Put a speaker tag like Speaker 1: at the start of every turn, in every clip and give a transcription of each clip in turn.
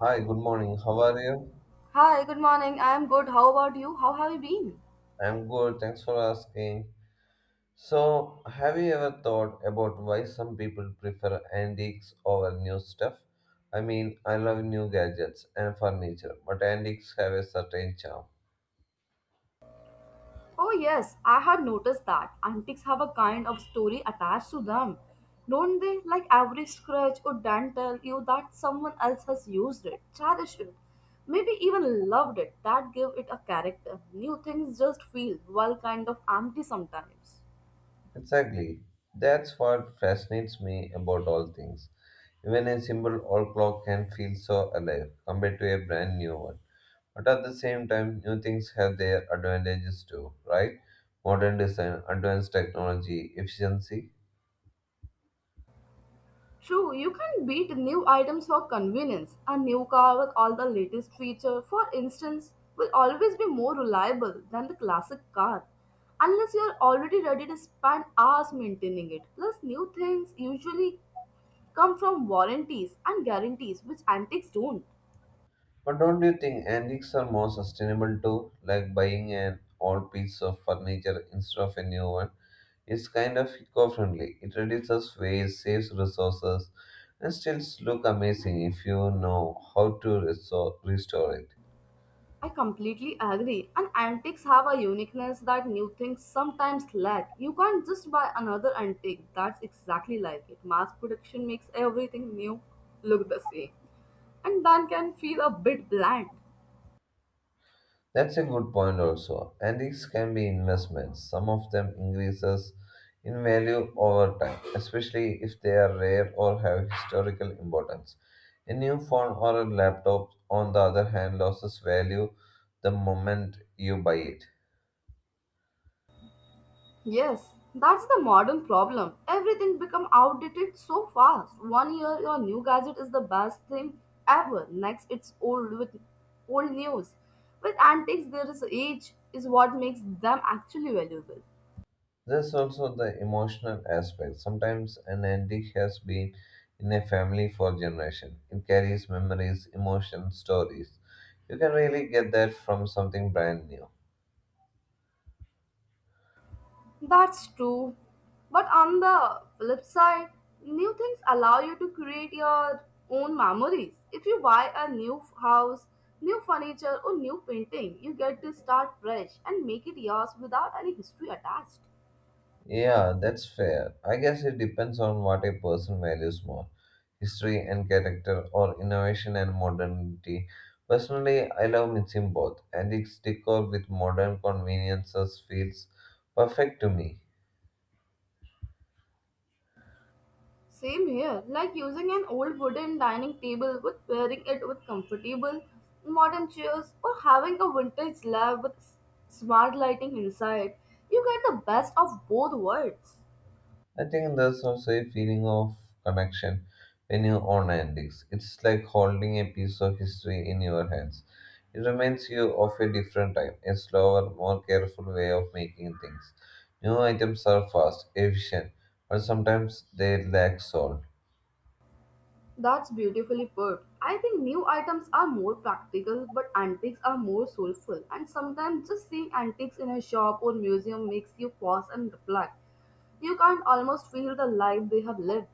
Speaker 1: Hi, good morning. How are you?
Speaker 2: Hi, good morning. I am good. How about you? How have you been?
Speaker 1: I'm good. Thanks for asking. So, have you ever thought about why some people prefer antiques over new stuff? I mean, I love new gadgets and furniture, but antiques have a certain charm.
Speaker 2: Oh, yes, I had noticed that antiques have a kind of story attached to them. Don't they? Like every scratch or dent tell you that someone else has used it, cherished it, maybe even loved it. That give it a character. New things just feel, well, kind of empty sometimes.
Speaker 1: Exactly. That's what fascinates me about all things. Even a simple old clock can feel so alive compared to a brand new one. But at the same time, new things have their advantages too, right? Modern design, advanced technology, efficiency.
Speaker 2: True, you can beat new items for convenience. A new car with all the latest feature, for instance, will always be more reliable than the classic car. Unless you are already ready to spend hours maintaining it. Plus, new things usually come from warranties and guarantees, which antiques don't.
Speaker 1: But don't you think antiques are more sustainable too? Like buying an old piece of furniture instead of a new one. It's kind of eco-friendly. It reduces waste, saves resources, and still look amazing if you know how to restore it.
Speaker 2: I completely agree. And antiques have a uniqueness that new things sometimes lack. You can't just buy another antique that's exactly like it. Mass production makes everything new look the same. And then can feel a bit bland.
Speaker 1: That's a good point also. Antiques can be investments. Some of them increases in value over time, especially if they are rare or have historical importance. A new phone or a laptop, on the other hand, loses value the moment you buy it.
Speaker 2: Yes, that's the modern problem. Everything become outdated so fast. One year your new gadget is the best thing ever. Next it's old with old news. With antiques there is age is what makes them actually valuable.
Speaker 1: There's also the emotional aspect. Sometimes an antique has been in a family for generation. It carries memories, emotions, stories. You can really get that from something brand new.
Speaker 2: That's true. But on the flip side, new things allow you to create your own memories. If you buy a house, new furniture, or new painting, you get to start fresh and make it yours without any history attached.
Speaker 1: Yeah, that's fair. I guess it depends on what a person values more history and character, or innovation and modernity. Personally, I love mixing both. Antique decor with modern conveniences feels perfect to me.
Speaker 2: Same here, like using an old wooden dining table with pairing it with comfortable modern chairs or having a vintage lab with smart lighting inside. You get the best of both worlds.
Speaker 1: I think there's also a feeling of connection when you own antiques. It's like holding a piece of history in your hands. It reminds you of a different time, a slower, more careful way of making things. New items are fast, efficient, but sometimes they lack soul.
Speaker 2: That's beautifully put. I think new items are more practical, but antiques are more soulful. And sometimes just seeing antiques in a shop or museum makes you pause and reflect. You can't almost feel the life they have lived.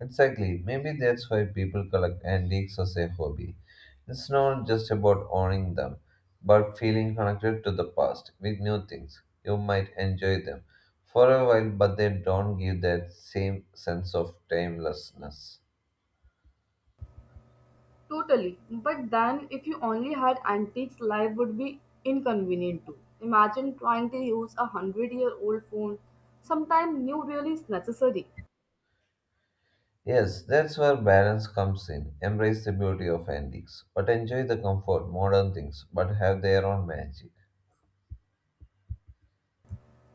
Speaker 1: Exactly. Maybe that's why people collect antiques as a hobby. It's not just about owning them, but feeling connected to the past with new things. You might enjoy them for a while, but they don't give that same sense of timelessness.
Speaker 2: Totally. But then, if you only had antiques, life would be inconvenient too. Imagine trying to use a hundred-year-old phone. Sometimes new really is necessary.
Speaker 1: Yes, that's where balance comes in. Embrace the beauty of antiques, but enjoy the comfort modern things, but have their own magic.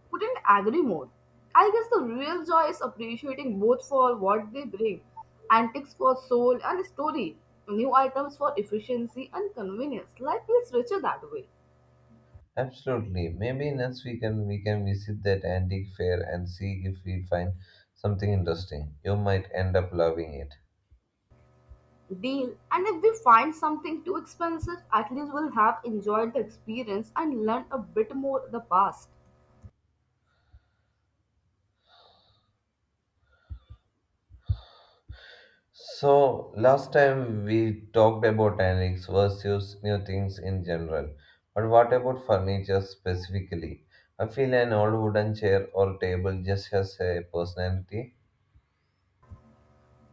Speaker 2: Couldn't agree more. I guess the real joy is appreciating both for what they bring antiques for soul and story, new items for efficiency and convenience. Life is richer that way.
Speaker 1: Absolutely. Maybe next weekend we can visit that antique fair and see if we find something interesting. You might end up loving it.
Speaker 2: Deal, and if we find something too expensive, at least we'll have enjoyed the experience and learned a bit more the past.
Speaker 1: So, last time we talked about antiques versus new things in general. But what about furniture specifically? I feel an old wooden chair or table just has a personality.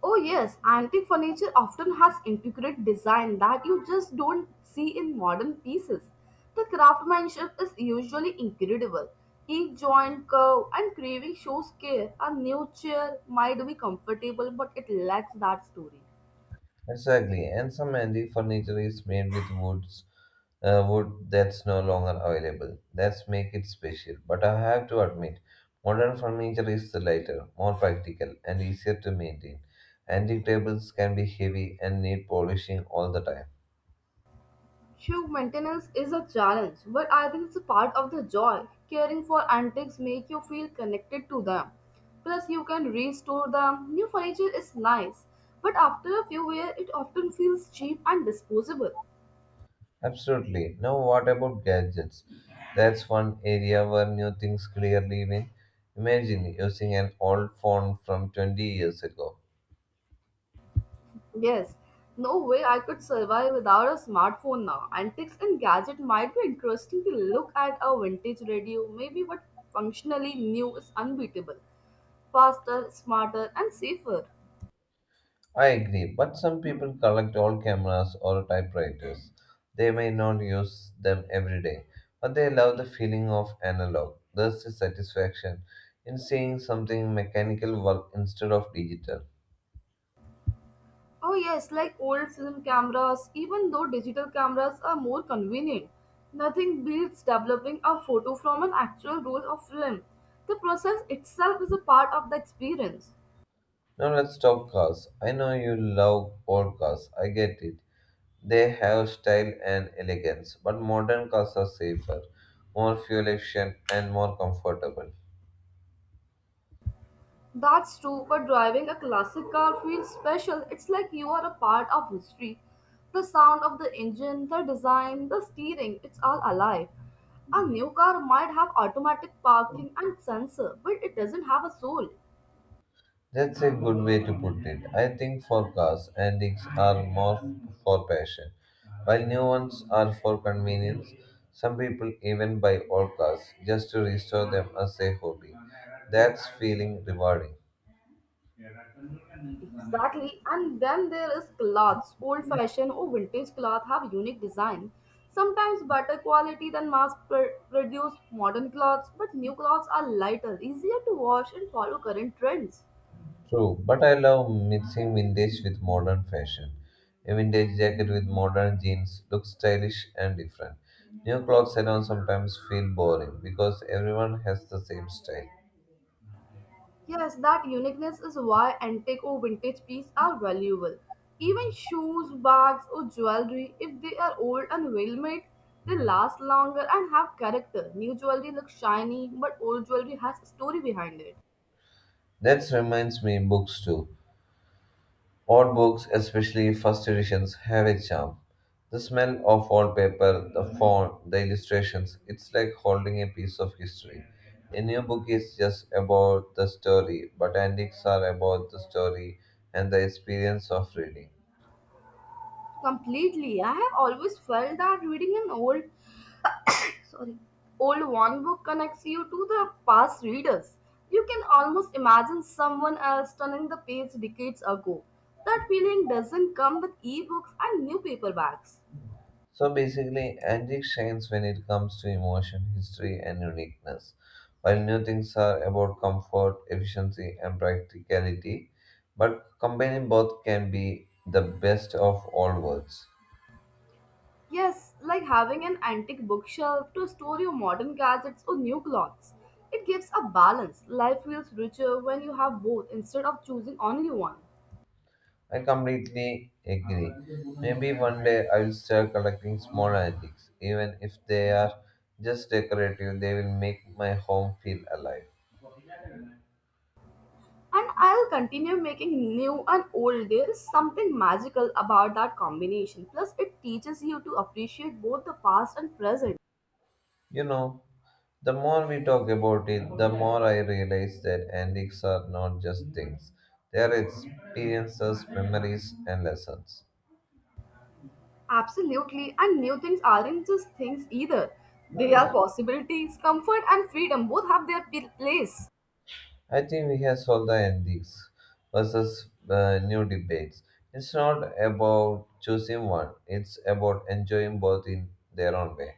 Speaker 2: Oh yes, antique furniture often has intricate design that you just don't see in modern pieces. The craftsmanship is usually incredible. Each joint, curve, and craving shows care. A new chair might be comfortable, but it lacks that story.
Speaker 1: Exactly, and some antique furniture is made with woods, wood that's no longer available. That's make it special. But I have to admit, modern furniture is lighter, more practical, and easier to maintain. Antique tables can be heavy and need polishing all the time.
Speaker 2: Shoe maintenance is a challenge, but I think it's a part of the joy. Caring for antiques make you feel connected to them. Plus, you can restore them. New furniture is nice, but after a few years, it often feels cheap and disposable.
Speaker 1: Absolutely. Now, what about gadgets? That's one area where new things clearly win. Imagine using an old phone from 20 years ago.
Speaker 2: Yes, no way I could survive without a smartphone now. Antiques and gadget might be interesting to look at a vintage radio, maybe, but functionally new is unbeatable, faster, smarter, and safer.
Speaker 1: I agree, but some people collect old cameras or typewriters. They may not use them every day, but they love the feeling of analog. There's the satisfaction in seeing something mechanical work instead of digital.
Speaker 2: Oh yes, like old film cameras, even though digital cameras are more convenient. Nothing beats developing a photo from an actual roll of film. The process itself is a part of the experience.
Speaker 1: Now let's talk cars. I know you love old cars. I get it. They have style and elegance, but modern cars are safer, more fuel efficient, and more comfortable.
Speaker 2: That's true, but driving a classic car feels special. It's like you are a part of history. The sound of the engine, the design, the steering, it's all alive. A new car might have automatic parking and sensor, but it doesn't have a soul.
Speaker 1: That's a good way to put it. I think for cars, antiques are more for passion, while new ones are for convenience. Some people even buy old cars just to restore them as a hobby. That's feeling rewarding.
Speaker 2: Exactly. And then there is cloths. Old fashioned or vintage cloth have unique design, sometimes better quality than produced modern cloths, but new cloths are lighter, easier to wash, and follow current trends.
Speaker 1: True, but I love mixing vintage with modern fashion. A vintage jacket with modern jeans looks stylish and different. New clothes alone sometimes feel boring because everyone has the same style.
Speaker 2: Yes, that uniqueness is why antique or vintage pieces are valuable. Even shoes, bags, or jewelry, if they are old and well made, they last longer and have character. New jewelry looks shiny, but old jewelry has a story behind it.
Speaker 1: That reminds me books too. Old books, especially first editions, have a charm. The smell of old paper, the font, the illustrations, it's like holding a piece of history. A new book is just about the story, but antiques are about the story and the experience of reading.
Speaker 2: Completely. I have always felt that reading an old, old one book connects you to the past readers. You can almost imagine someone else turning the page decades ago. That feeling doesn't come with ebooks and new paperbacks.
Speaker 1: So basically, antique shines when it comes to emotion, history, and uniqueness, while new things are about comfort, efficiency, and practicality. But combining both can be the best of all worlds.
Speaker 2: Yes, like having an antique bookshelf to store your modern gadgets or new clothes. It gives a balance. Life feels richer when you have both instead of choosing only one.
Speaker 1: I completely agree. Maybe one day I'll start collecting small antiques. Even if they are just decorative, they will make my home feel alive.
Speaker 2: And I'll continue making new and old. There is something magical about that combination. Plus, it teaches you to appreciate both the past and present.
Speaker 1: You know, the more we talk about it, the more I realize that antiques are not just things, they are experiences, memories, and lessons.
Speaker 2: Absolutely. And new things aren't just things either. They are possibilities. Comfort and freedom both have their place.
Speaker 1: I think we have solved the antiques versus new debates. It's not about choosing one, it's about enjoying both in their own way.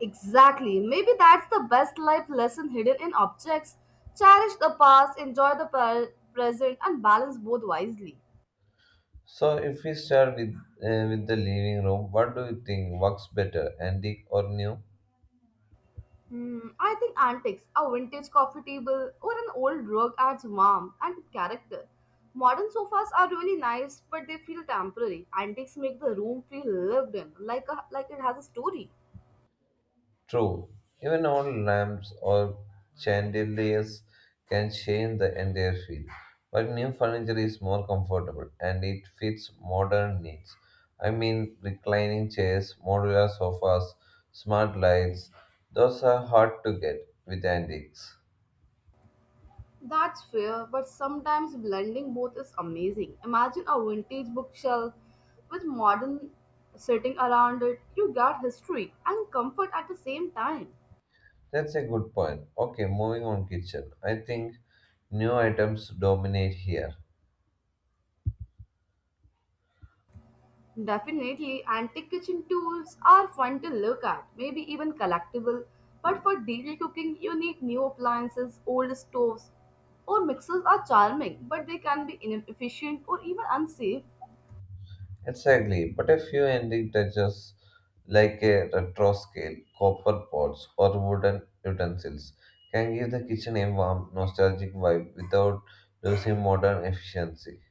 Speaker 2: Exactly. Maybe that's the best life lesson hidden in objects. Cherish the past, enjoy the present, and balance both wisely.
Speaker 1: So, if we start with the living room, what do you think works better, antique or new?
Speaker 2: Hmm, I think antiques, a vintage coffee table, or an old rug adds warmth and character. Modern sofas are really nice, but they feel temporary. Antiques make the room feel lived in, like a, like it has a story.
Speaker 1: True, even old lamps or chandeliers can change the entire feel, but new furniture is more comfortable and it fits modern needs. I mean, reclining chairs, modular sofas, smart lights, those are hard to get with antiques.
Speaker 2: That's fair, but sometimes blending both is amazing. Imagine a vintage bookshelf with modern sitting around it. You get history and comfort at the same time.
Speaker 1: That's a good point. Okay, moving on kitchen. I think new items dominate here.
Speaker 2: Definitely, antique kitchen tools are fun to look at, maybe even collectible. But for daily cooking, you need new appliances, old stoves, or mixers are charming, but they can be inefficient or even unsafe.
Speaker 1: Exactly, but a few ending touches like a retro scale, copper pots, or wooden utensils can give the kitchen a warm, nostalgic vibe without losing modern efficiency.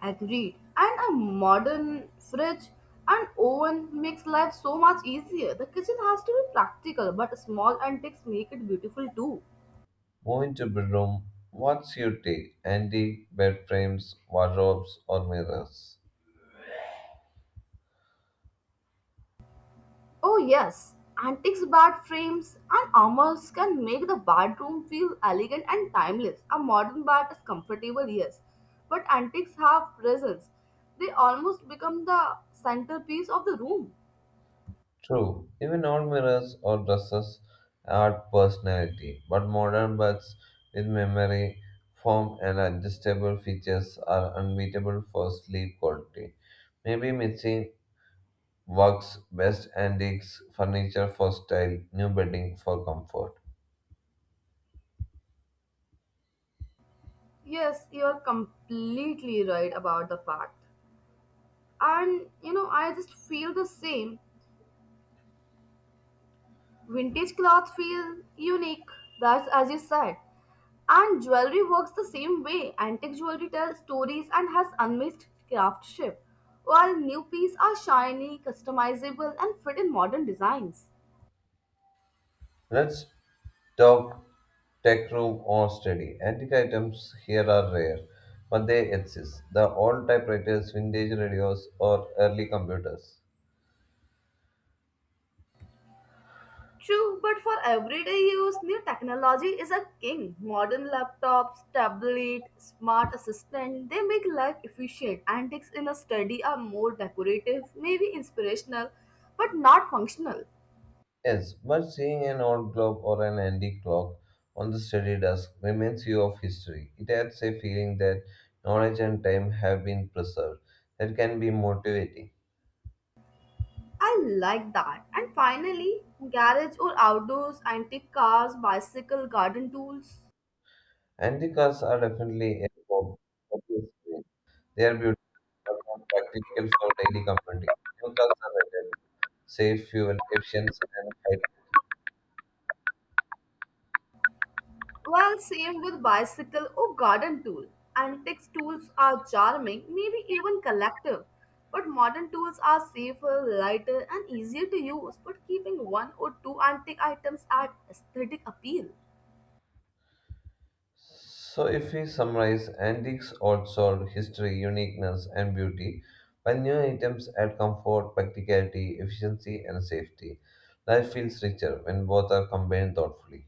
Speaker 2: Agreed. And a modern fridge and oven makes life so much easier. The kitchen has to be practical, but small antiques make it beautiful too.
Speaker 1: Moving to bedroom, what's your take? Antique bed frames, wardrobes, or mirrors?
Speaker 2: Oh, yes. Antiques bed frames and armors can make the bathroom feel elegant and timeless. A modern bath is comfortable, yes, but antiques have presence. They almost become the centerpiece of the room.
Speaker 1: True, even old mirrors or dresses are personality, but modern bags with memory, form, and adjustable features are unbeatable for sleep quality. Maybe missing works best antiques furniture for style, new bedding for comfort.
Speaker 2: Yes, you are completely right about the fact. And you know, I just feel the same. Vintage clothes feel unique, that's as you said. And jewelry works the same way. Antique jewelry tells stories and has unmissed craftsmanship, while new pieces are shiny, customizable, and fit in modern designs.
Speaker 1: Let's talk tech room or study. Antique items here are rare, but they exist. The old typewriters, vintage radios, or early computers.
Speaker 2: True, but for everyday use, new technology is a king. Modern laptops, tablet, smart assistant, they make life efficient. Antiques in a study are more decorative, maybe inspirational, but not functional.
Speaker 1: Yes, but seeing an old clock or an antique clock on the study desk reminds you of history. It adds a feeling that knowledge and time have been preserved. That can be motivating.
Speaker 2: I like that. And finally, garage or outdoors, antique cars, bicycle, garden tools.
Speaker 1: Antique cars are definitely a hope. They are beautiful and practical for daily commuting. New cars are rated, safe, fuel efficient, and high.
Speaker 2: Well, same with bicycle or garden tool. Antique tools are charming, maybe even collective. But modern tools are safer, lighter, and easier to use. But keeping one or two antique items adds aesthetic appeal.
Speaker 1: So, if we summarize, antiques also history, uniqueness, and beauty, while new items add comfort, practicality, efficiency, and safety. Life feels richer when both are combined thoughtfully.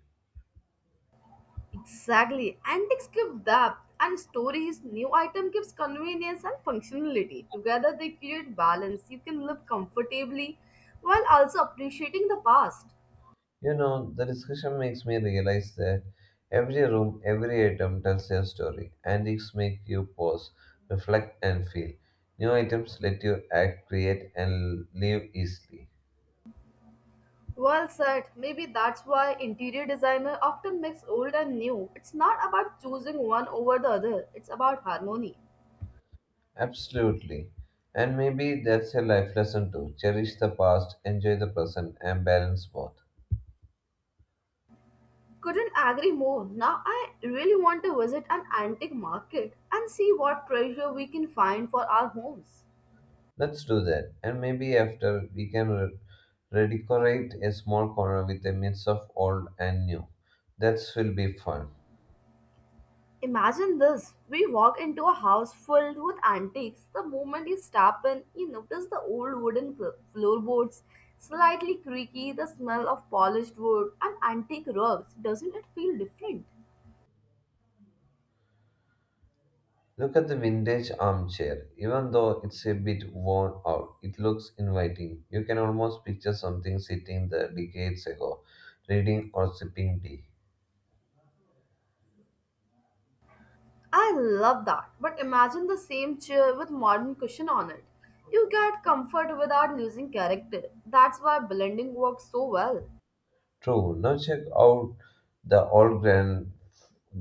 Speaker 2: Exactly. Antiques give depth and stories. New item gives convenience and functionality. Together they create balance. You can live comfortably while also appreciating the past.
Speaker 1: You know, the discussion makes me realize that every room, every item tells a story. Antiques make you pause, reflect, and feel. New items let you act, create, and live easily.
Speaker 2: Well said. Maybe that's why interior designer often mix old and new. It's not about choosing one over the other. It's about harmony.
Speaker 1: Absolutely. And maybe that's a life lesson too. Cherish the past, enjoy the present, and balance both.
Speaker 2: Couldn't agree more. Now I really want to visit an antique market and see what treasure we can find for our homes.
Speaker 1: Let's do that. And maybe after we can redecorate a small corner with a mix of old and new. That will be fun.
Speaker 2: Imagine this. We walk into a house filled with antiques. The moment you step in, you notice the floorboards, slightly creaky, the smell of polished wood, and antique rugs. Doesn't it feel different?
Speaker 1: Look at the vintage armchair. Even though it's a bit worn out, it looks inviting. You can almost picture something sitting there decades ago, reading or sipping tea.
Speaker 2: I love that. But imagine the same chair with modern cushion on it. You get comfort without losing character. That's why blending works so well.
Speaker 1: True. Now check out the old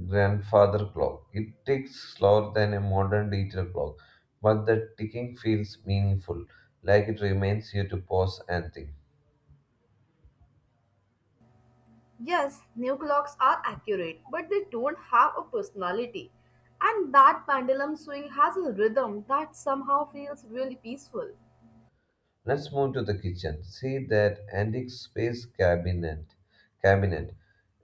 Speaker 1: grandfather clock. It ticks slower than a modern digital clock, but the ticking feels meaningful, like it reminds you to pause and think.
Speaker 2: Yes, new clocks are accurate, but they don't have a personality. And that pendulum swing has a rhythm that somehow feels really peaceful.
Speaker 1: Let's move to the kitchen. See that antique space cabinet. Cabinet.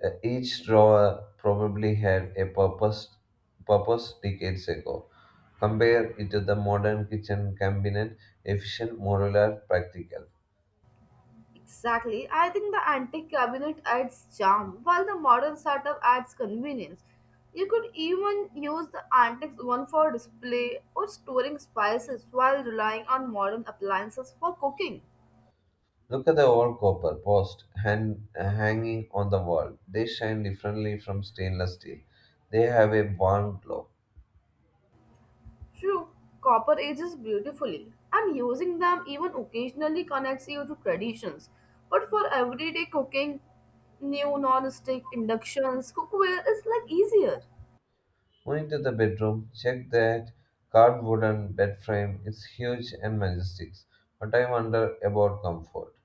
Speaker 1: Each drawer probably had a purpose decades ago. Compare it to the modern kitchen cabinet, efficient, modular, practical.
Speaker 2: Exactly, I think the antique cabinet adds charm, while the modern setup adds convenience. You could even use the antique one for display or storing spices while relying on modern appliances for cooking.
Speaker 1: Look at the old copper post hand, hanging on the wall. They shine differently from stainless steel. They have a warm glow.
Speaker 2: True, copper ages beautifully, and using them even occasionally connects you to traditions. But for everyday cooking, new non-stick inductions, cookware is like easier.
Speaker 1: Moving to the bedroom, check that carved wooden bed frame. It's huge and majestic. But I wonder about comfort.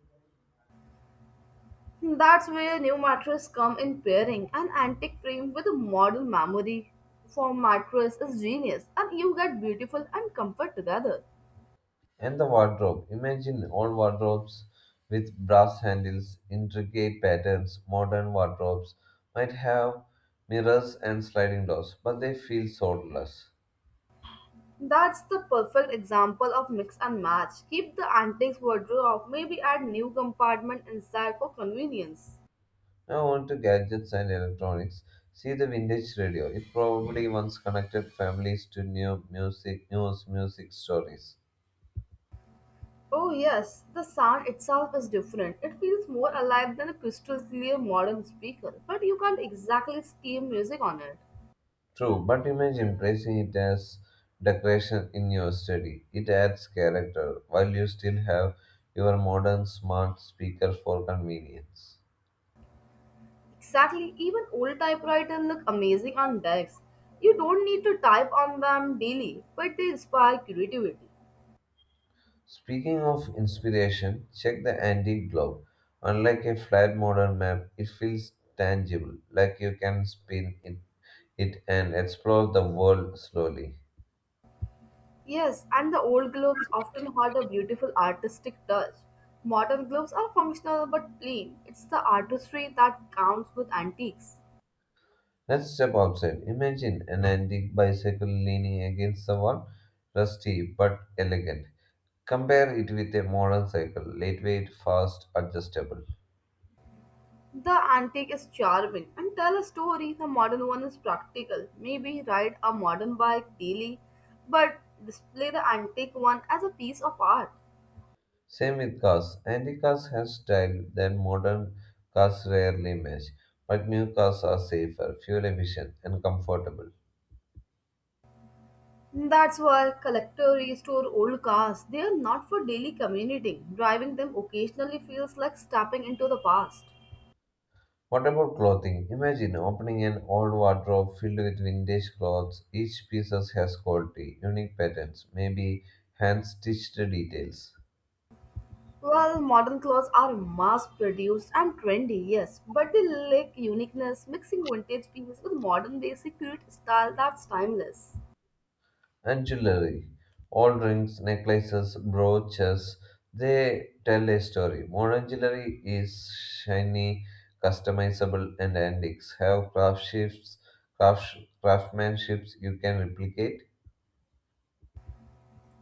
Speaker 2: That's where new mattress come in pairing an antique frame with a modern memory for mattress is genius, and you get beautiful and comfort together.
Speaker 1: And the wardrobe. Imagine old wardrobes with brass handles, intricate patterns. Modern wardrobes might have mirrors and sliding doors, but they feel soulless.
Speaker 2: That's the perfect example of mix and match. Keep the antiques wardrobe, maybe add new compartment inside for convenience.
Speaker 1: Now on to gadgets and electronics. See the vintage radio. It probably once connected families to new music, news, music stories.
Speaker 2: Oh, yes, the sound itself is different. It feels more alive than a crystal clear modern speaker, but you can't exactly steam music on it.
Speaker 1: True, but imagine placing it as decoration in your study. It adds character while you still have your modern smart speaker for convenience.
Speaker 2: Exactly, even old typewriters look amazing on decks. You don't need to type on them daily, but they inspire creativity.
Speaker 1: Speaking of inspiration, check the antique globe. Unlike a flat modern map, it feels tangible, like you can spin it and explore the world slowly.
Speaker 2: Yes, and the old globes often had a beautiful artistic touch. Modern globes are functional but plain. It's the artistry that counts with antiques.
Speaker 1: Let's step outside. Imagine an antique bicycle leaning against the wall, rusty but elegant. Compare it with a modern cycle, lightweight, fast, adjustable.
Speaker 2: The antique is charming and tell a story. The modern one is practical. Maybe ride a modern bike daily, but display the antique one as a piece of art.
Speaker 1: Same with cars. Antique cars have style that modern cars rarely match, but new cars are safer, fuel efficient, and comfortable.
Speaker 2: That's why collectors restore old cars. They are not for daily commuting. Driving them occasionally feels like stepping into the past.
Speaker 1: What about clothing? Imagine opening an old wardrobe filled with vintage clothes. Each piece has quality, unique patterns, maybe hand stitched details.
Speaker 2: Well, modern clothes are mass produced and trendy, yes, but they lack uniqueness. Mixing vintage pieces with modern basic create style that's timeless.
Speaker 1: And jewelry. All rings, necklaces, brooches, they tell a story. Modern jewelry is shiny, customizable, and antiques. Have craft, craftsmanships you can replicate.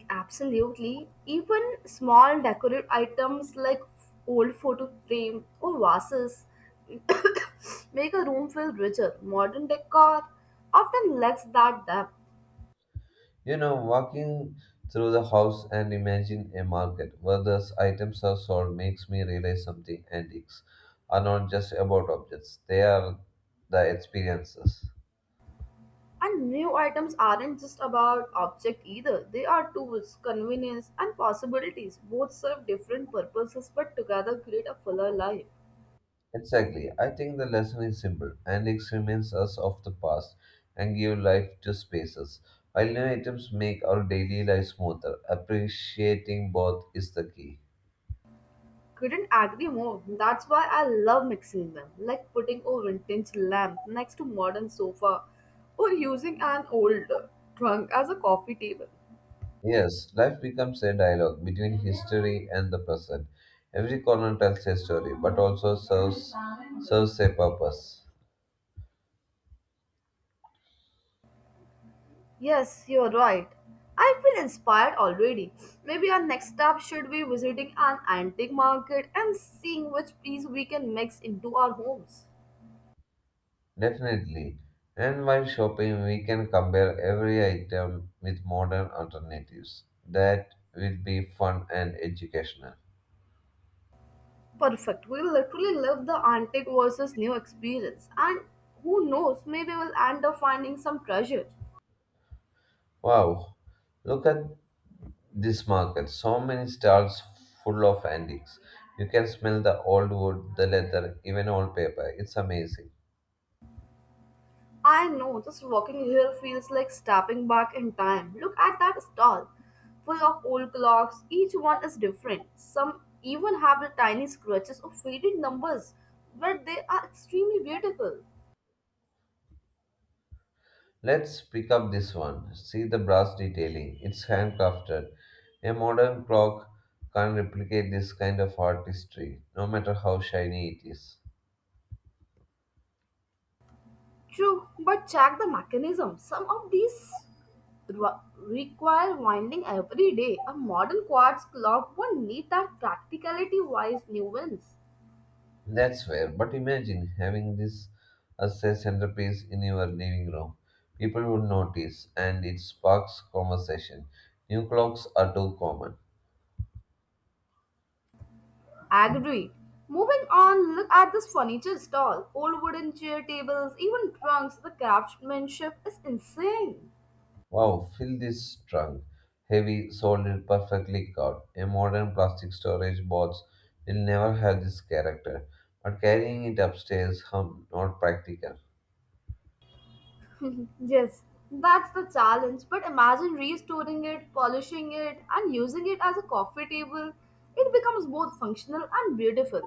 Speaker 2: Absolutely. Even small decorative items like old photo frame or vases make a room feel richer. Modern decor often lacks that depth.
Speaker 1: You know, walking through the house and imagine a market where those items are sold makes me realize something. Antiques are not just about objects; they are the experiences.
Speaker 2: And new items aren't just about object either. They are tools, convenience, and possibilities. Both serve different purposes but together create a fuller life.
Speaker 1: Exactly. I think the lesson is simple, and it reminds us of the past and give life to spaces. While new items make our daily life smoother, appreciating both is the key.
Speaker 2: Couldn't agree more. That's why I love mixing them, like putting a vintage lamp next to modern sofa or using an old trunk as a coffee table.
Speaker 1: Yes, life becomes a dialogue between history and the present. Every corner tells a story, but also serves a purpose.
Speaker 2: Yes, you're right. I feel inspired already. Maybe our next stop should be visiting an antique market and seeing which piece we can mix into our homes.
Speaker 1: Definitely. And while shopping, we can compare every item with modern alternatives. That will be fun and educational.
Speaker 2: Perfect. We literally live the antique versus new experience, and who knows, maybe we'll end up finding some treasure.
Speaker 1: Wow, look at this market. So many stalls full of antiques. You can smell the old wood, the leather, even old paper. It's amazing.
Speaker 2: I know, just walking here feels like stepping back in time. Look at that stall, full of old clocks. Each one is different. Some even have the tiny scratches of faded numbers, but they are extremely beautiful.
Speaker 1: Let's pick up this one. See the brass detailing. It's handcrafted. A modern clock can't replicate this kind of artistry, no matter how shiny it is.
Speaker 2: True, but check the mechanism. Some of these re- require winding every day. A modern quartz clock won't need that practicality wise nuance.
Speaker 1: That's fair, but imagine having this as a centerpiece in your living room. People would notice, and it sparks conversation. New clocks are too common.
Speaker 2: Agreed. Moving on, look at this furniture stall. Old wooden chair tables, even trunks, the craftsmanship is insane.
Speaker 1: Wow, fill this trunk. Heavy, solid, perfectly carved. A modern plastic storage box will never have this character. But carrying it upstairs, not practical.
Speaker 2: Yes, that's the challenge. But imagine restoring it, polishing it, and using it as a coffee table. It becomes both functional and beautiful.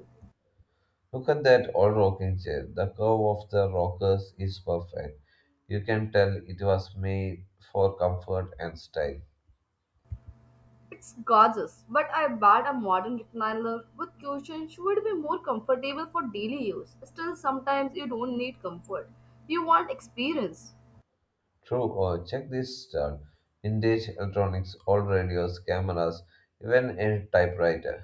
Speaker 1: Look at that old rocking chair. The curve of the rockers is perfect. You can tell it was made for comfort and style.
Speaker 2: It's gorgeous, but I bet a modern recliner with cushions would be more comfortable for daily use. Still, sometimes you don't need comfort. You want experience.
Speaker 1: True, oh, check this stud. Vintage electronics, old radios, cameras, even a typewriter.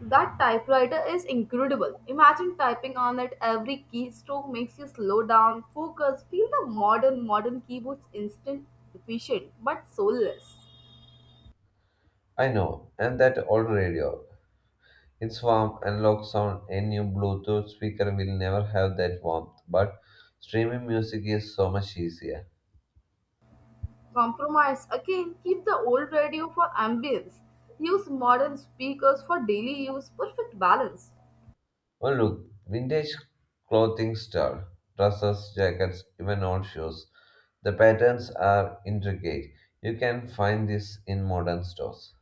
Speaker 2: That typewriter is incredible. Imagine typing on it. Every keystroke makes you slow down, focus, feel the modern keyboards instant, efficient, but soulless.
Speaker 1: I know, and that old radio. Its warm, analog sound, a new Bluetooth speaker will never have that warmth, but streaming music is so much easier.
Speaker 2: Compromise. Again, keep the old radio for ambience. Use modern speakers for daily use. Perfect balance.
Speaker 1: Oh, look, vintage clothing style, dresses, jackets, even old shoes. The patterns are intricate. You can find this in modern stores.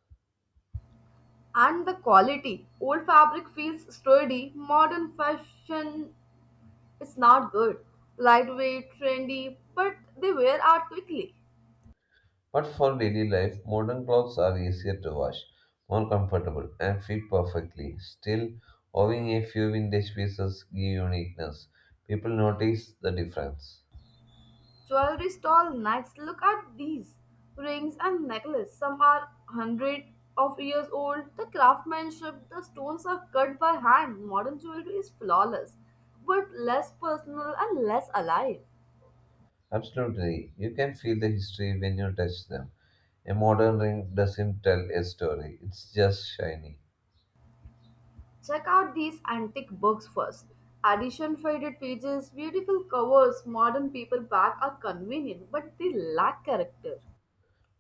Speaker 2: And the quality. Old fabric feels sturdy. Modern fashion is not good. Lightweight, trendy, but they wear out quickly.
Speaker 1: But for daily life, modern clothes are easier to wash, more comfortable, and fit perfectly. Still, owning a few vintage pieces give uniqueness. People notice the difference.
Speaker 2: Jewelry stall next. Look at these rings and necklace. Some are hundred of years old. The craftsmanship, the stones are cut by hand. Modern jewelry is flawless, but less personal and less alive.
Speaker 1: Absolutely, you can feel the history when you touch them. A modern ring doesn't tell a story, it's just shiny.
Speaker 2: Check out these antique books first. Edition faded pages, beautiful covers, modern paperback are convenient, but they lack character.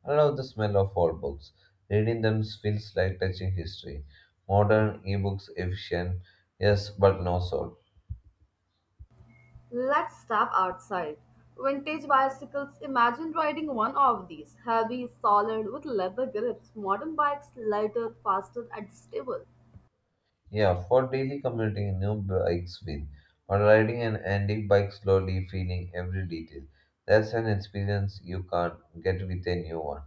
Speaker 1: I love the smell of old books. Reading them feels like touching history. Modern ebooks efficient, yes, but no soul.
Speaker 2: Let's step outside. Vintage bicycles, imagine riding one of these. Heavy, solid, with leather grips. Modern bikes, lighter, faster, adjustable.
Speaker 1: Yeah, for daily commuting, new bikes win. Or riding an antique bike slowly, feeling every detail. That's an experience you can't get with a new one.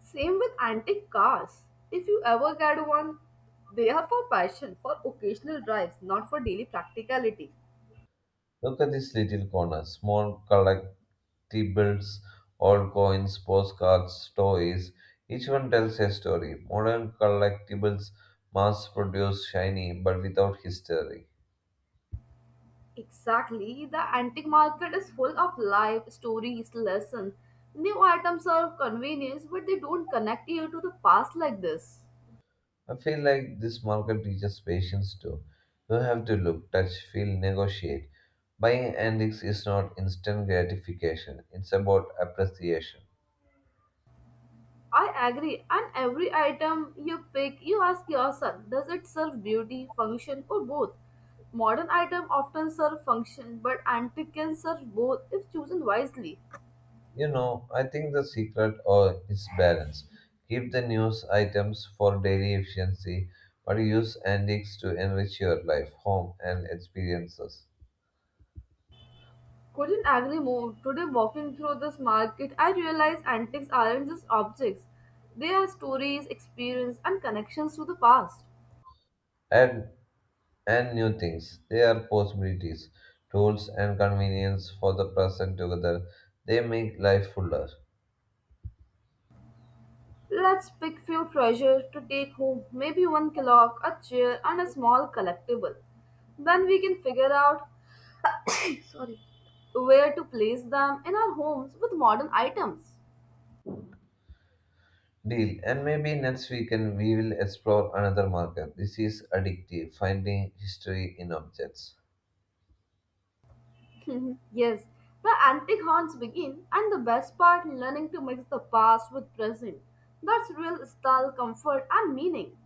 Speaker 2: Same with antique cars. If you ever get one, they are for passion, for occasional drives, not for daily practicality.
Speaker 1: Look at this little corner small collectibles, old coins, postcards, toys. Each one tells a story. Modern collectibles, mass produced, shiny, but without history.
Speaker 2: Exactly, the antique market is full of life, stories, lessons. New items are of convenience, but they don't connect you to the past like this.
Speaker 1: I feel like this market teaches patience too. You have to look, touch, feel, negotiate. Buying antiques is not instant gratification, it's about appreciation.
Speaker 2: I agree. And every item you pick, you ask yourself, does it serve beauty, function, or both? Modern item often serve function, but antique can serve both if chosen wisely.
Speaker 1: You know, I think the secret or is balance. Keep the news items for daily efficiency, but use antiques to enrich your life, home, and experiences.
Speaker 2: Couldn't agree more. Today, walking through this market, I realize antiques aren't just objects; they are stories, experience, and connections to the past.
Speaker 1: Add and new things. They are possibilities, tools, and convenience for the present together. They make life fuller.
Speaker 2: Let's pick few treasures to take home, maybe one clock, a chair, and a small collectible. Then we can figure out sorry, where to place them in our homes with modern items.
Speaker 1: Deal. And maybe next weekend we will explore another market. This is addictive, finding history in objects.
Speaker 2: Mhm. Yes, the antique haunts begin, and the best part learning to mix the past with present. That's real style, comfort, and meaning.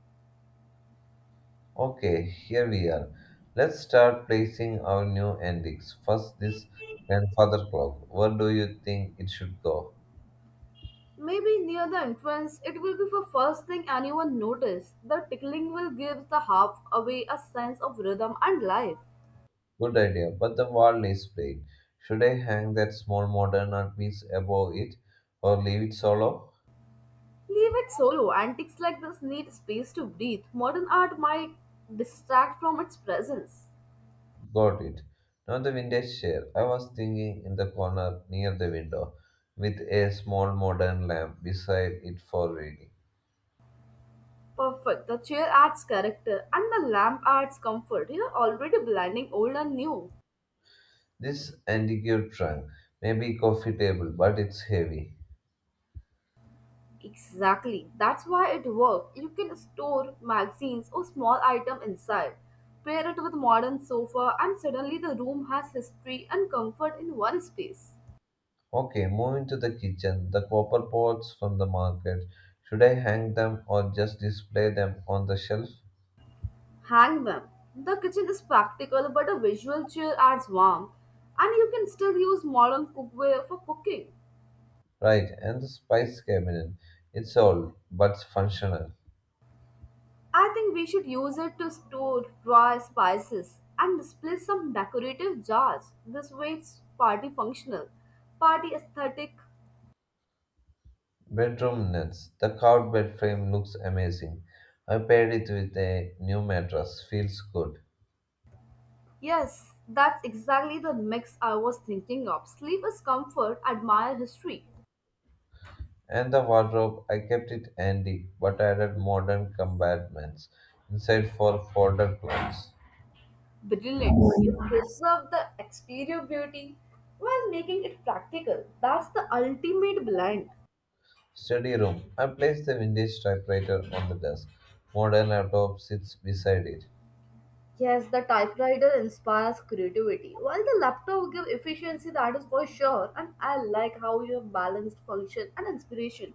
Speaker 1: Okay, here we are. Let's start placing our new endings. First, this grandfather clock. Where do you think it should go?
Speaker 2: Maybe near the entrance, it will be the first thing anyone notices. The tickling will give the half away a sense of rhythm and life.
Speaker 1: Good idea, but the wall is plain. Should I hang that small modern art piece above it or leave it solo?
Speaker 2: Leave it solo. Antiques like this need space to breathe. Modern art might distract from its presence.
Speaker 1: Got it. Now the vintage chair. I was thinking in the corner near the window with a small modern lamp beside it for reading.
Speaker 2: Perfect. The chair adds character and the lamp adds comfort. You're already blending old and new.
Speaker 1: This antique trunk may be coffee table, but it's heavy.
Speaker 2: Exactly. That's why it works. You can store magazines or small item inside. Pair it with modern sofa and suddenly the room has history and comfort in one space.
Speaker 1: Okay, moving to the kitchen, the copper pots from the market. Should I hang them or just display them on the shelf?
Speaker 2: Hang them. The kitchen is practical, but a visual chair adds warmth, and you can still use modern cookware for cooking.
Speaker 1: Right, and the spice cabinet. It's old, but functional.
Speaker 2: I think we should use it to store dry spices and display some decorative jars. This way, it's party functional, party aesthetic.
Speaker 1: Bedroom nets. The carved bed frame looks amazing. I paired it with a new mattress. Feels good.
Speaker 2: Yes, that's exactly the mix I was thinking of. Sleep is comfort, admire history.
Speaker 1: And the wardrobe, I kept it handy, but added modern compartments inside for folder clothes.
Speaker 2: Brilliant. You preserve the exterior beauty while making it practical. That's the ultimate blend.
Speaker 1: Study room. I placed the vintage typewriter on the desk. Modern laptop sits beside it,
Speaker 2: Yes, the typewriter inspires creativity, while the laptop gives efficiency, that is for sure. And I like how you have balanced function and inspiration.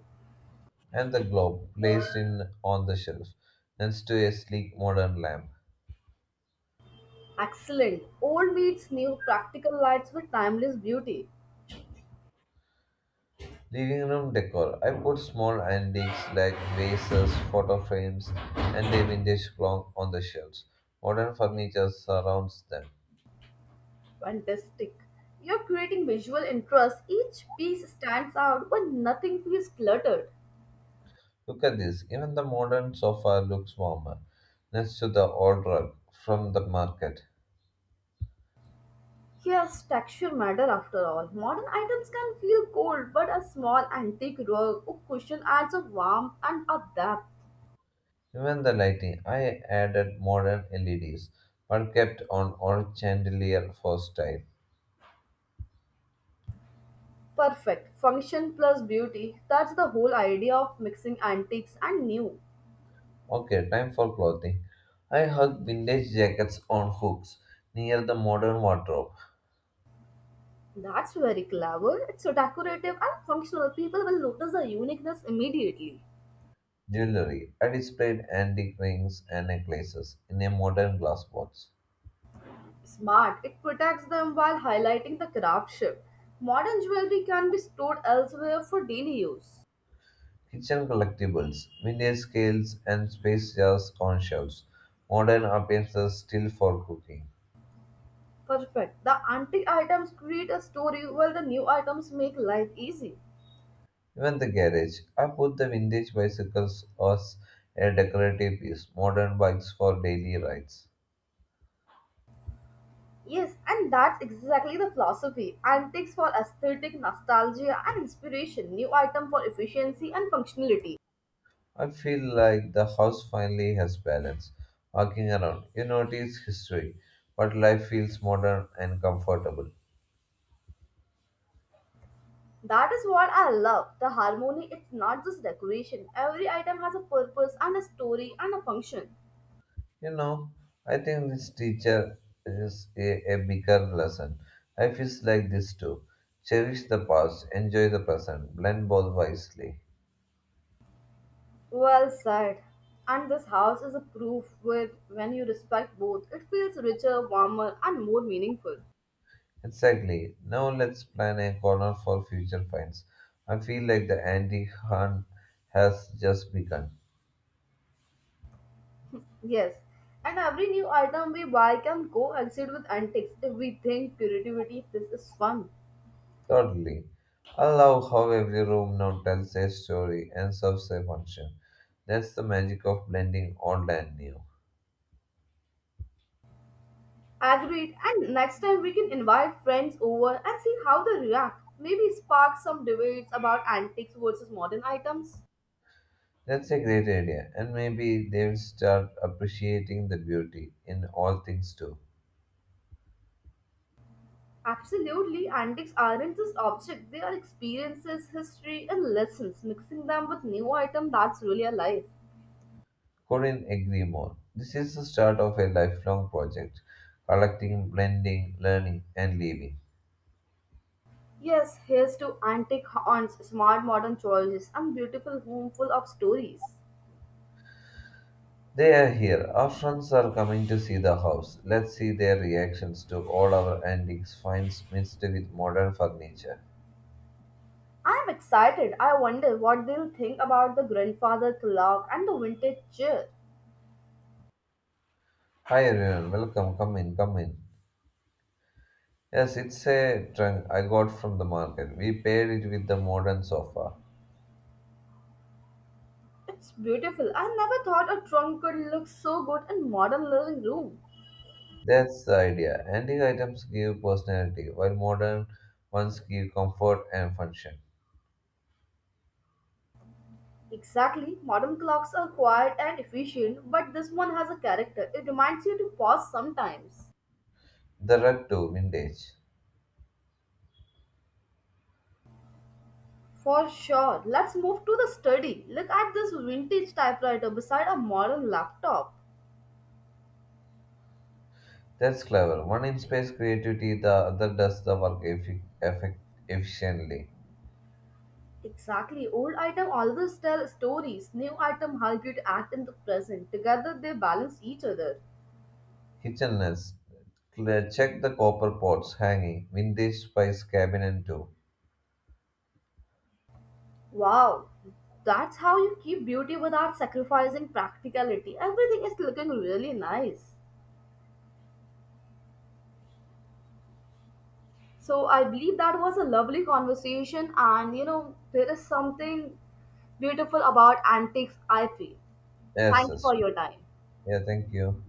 Speaker 1: and the globe placed in on the shelf next to a sleek modern lamp.
Speaker 2: Excellent. Old meets new practical lights with timeless beauty.
Speaker 1: Living room decor. I put small antiques like vases, photo frames, and a vintage clock on the shelves. Modern furniture surrounds them.
Speaker 2: Fantastic. You're creating visual interest. Each piece stands out when nothing feels cluttered.
Speaker 1: Look at this. Even the modern sofa looks warmer next to the old rug from the market.
Speaker 2: Yes, texture matter after all. Modern items can feel cold, but a small antique rug or cushion adds a warmth and a depth.
Speaker 1: Even the lighting, I added modern LEDs, but kept on old chandelier for style.
Speaker 2: Perfect. Function plus beauty. That's the whole idea of mixing antiques and new.
Speaker 1: Okay, time for clothing. I hung vintage jackets on hooks near the modern wardrobe.
Speaker 2: That's very clever. It's so decorative and functional. People will notice the uniqueness immediately.
Speaker 1: Jewelry, I displayed antique rings and necklaces in a modern glass box.
Speaker 2: Smart. It protects them while highlighting the craftsmanship. Modern jewelry can be stored elsewhere for daily use.
Speaker 1: Kitchen collectibles, vintage scales and space jars on shelves. Modern appliances still for cooking.
Speaker 2: Perfect. The antique items create a story while the new items make life easy.
Speaker 1: Even the garage. I put the vintage bicycles as a decorative piece, modern bikes for daily rides.
Speaker 2: Yes, and that's exactly the philosophy. Antiques for aesthetic, nostalgia, and inspiration. New item for efficiency and functionality.
Speaker 1: I feel like the house finally has balance. Walking around, you notice history, but life feels modern and comfortable.
Speaker 2: That is what I love. The harmony, it's not just decoration. Every item has a purpose and a story and a function.
Speaker 1: You know, I think this teacher is a bigger lesson. Life is like this too. Cherish the past, enjoy the present, blend both wisely.
Speaker 2: Well said. And this house is a proof With when you respect both, it feels richer, warmer, and more meaningful.
Speaker 1: Exactly. Now let's plan a corner for future finds. I feel like the antique hunt has just begun.
Speaker 2: Yes. And every new item we buy can coexist with antiques if we think creativity, this is fun.
Speaker 1: Totally. I love how every room now tells a story and serves a function. That's the magic of blending old and new.
Speaker 2: Agreed. And next time we can invite friends over and see how they react. Maybe spark some debates about antiques versus modern items.
Speaker 1: That's a great idea, and maybe they'll start appreciating the beauty in all things too.
Speaker 2: Absolutely, antiques aren't just objects, they are experiences, history, and lessons. Mixing them with new item that's really alive.
Speaker 1: Couldn't agree more. This is the start of a lifelong project, collecting, blending, learning, and living.
Speaker 2: Yes, here's to antique haunts, smart modern choices, and beautiful home full of stories.
Speaker 1: They are here. Our friends are coming to see the house. Let's see their reactions to all our antiques finds mixed with modern furniture.
Speaker 2: I'm excited. I wonder what they'll think about the grandfather clock and the vintage chair.
Speaker 1: Hi everyone, welcome. Come in, come in. Yes, it's a trunk I got from the market. We paired it with the modern sofa.
Speaker 2: It's beautiful. I never thought a trunk could look so good in modern living room.
Speaker 1: That's the idea. Antique items give personality, while modern ones give comfort and function.
Speaker 2: Exactly. Modern clocks are quiet and efficient, but this one has a character. It reminds you to pause sometimes.
Speaker 1: The rug too, vintage.
Speaker 2: For sure. Let's move to the study. Look at this vintage typewriter beside a modern laptop.
Speaker 1: That's clever. One inspires creativity, the other does the work efficiently.
Speaker 2: Exactly. Old item always tell stories. New item help you to act in the present. Together they balance each other.
Speaker 1: Kitchenness. Check the copper pots hanging. Vintage spice cabinet too.
Speaker 2: Wow, that's how you keep beauty without sacrificing practicality. Everything is looking really nice. So I believe that was a lovely conversation, and there is something beautiful about antiques, I feel.
Speaker 1: Yes,
Speaker 2: Thank you
Speaker 1: yes.
Speaker 2: for your time.
Speaker 1: Yeah, thank you.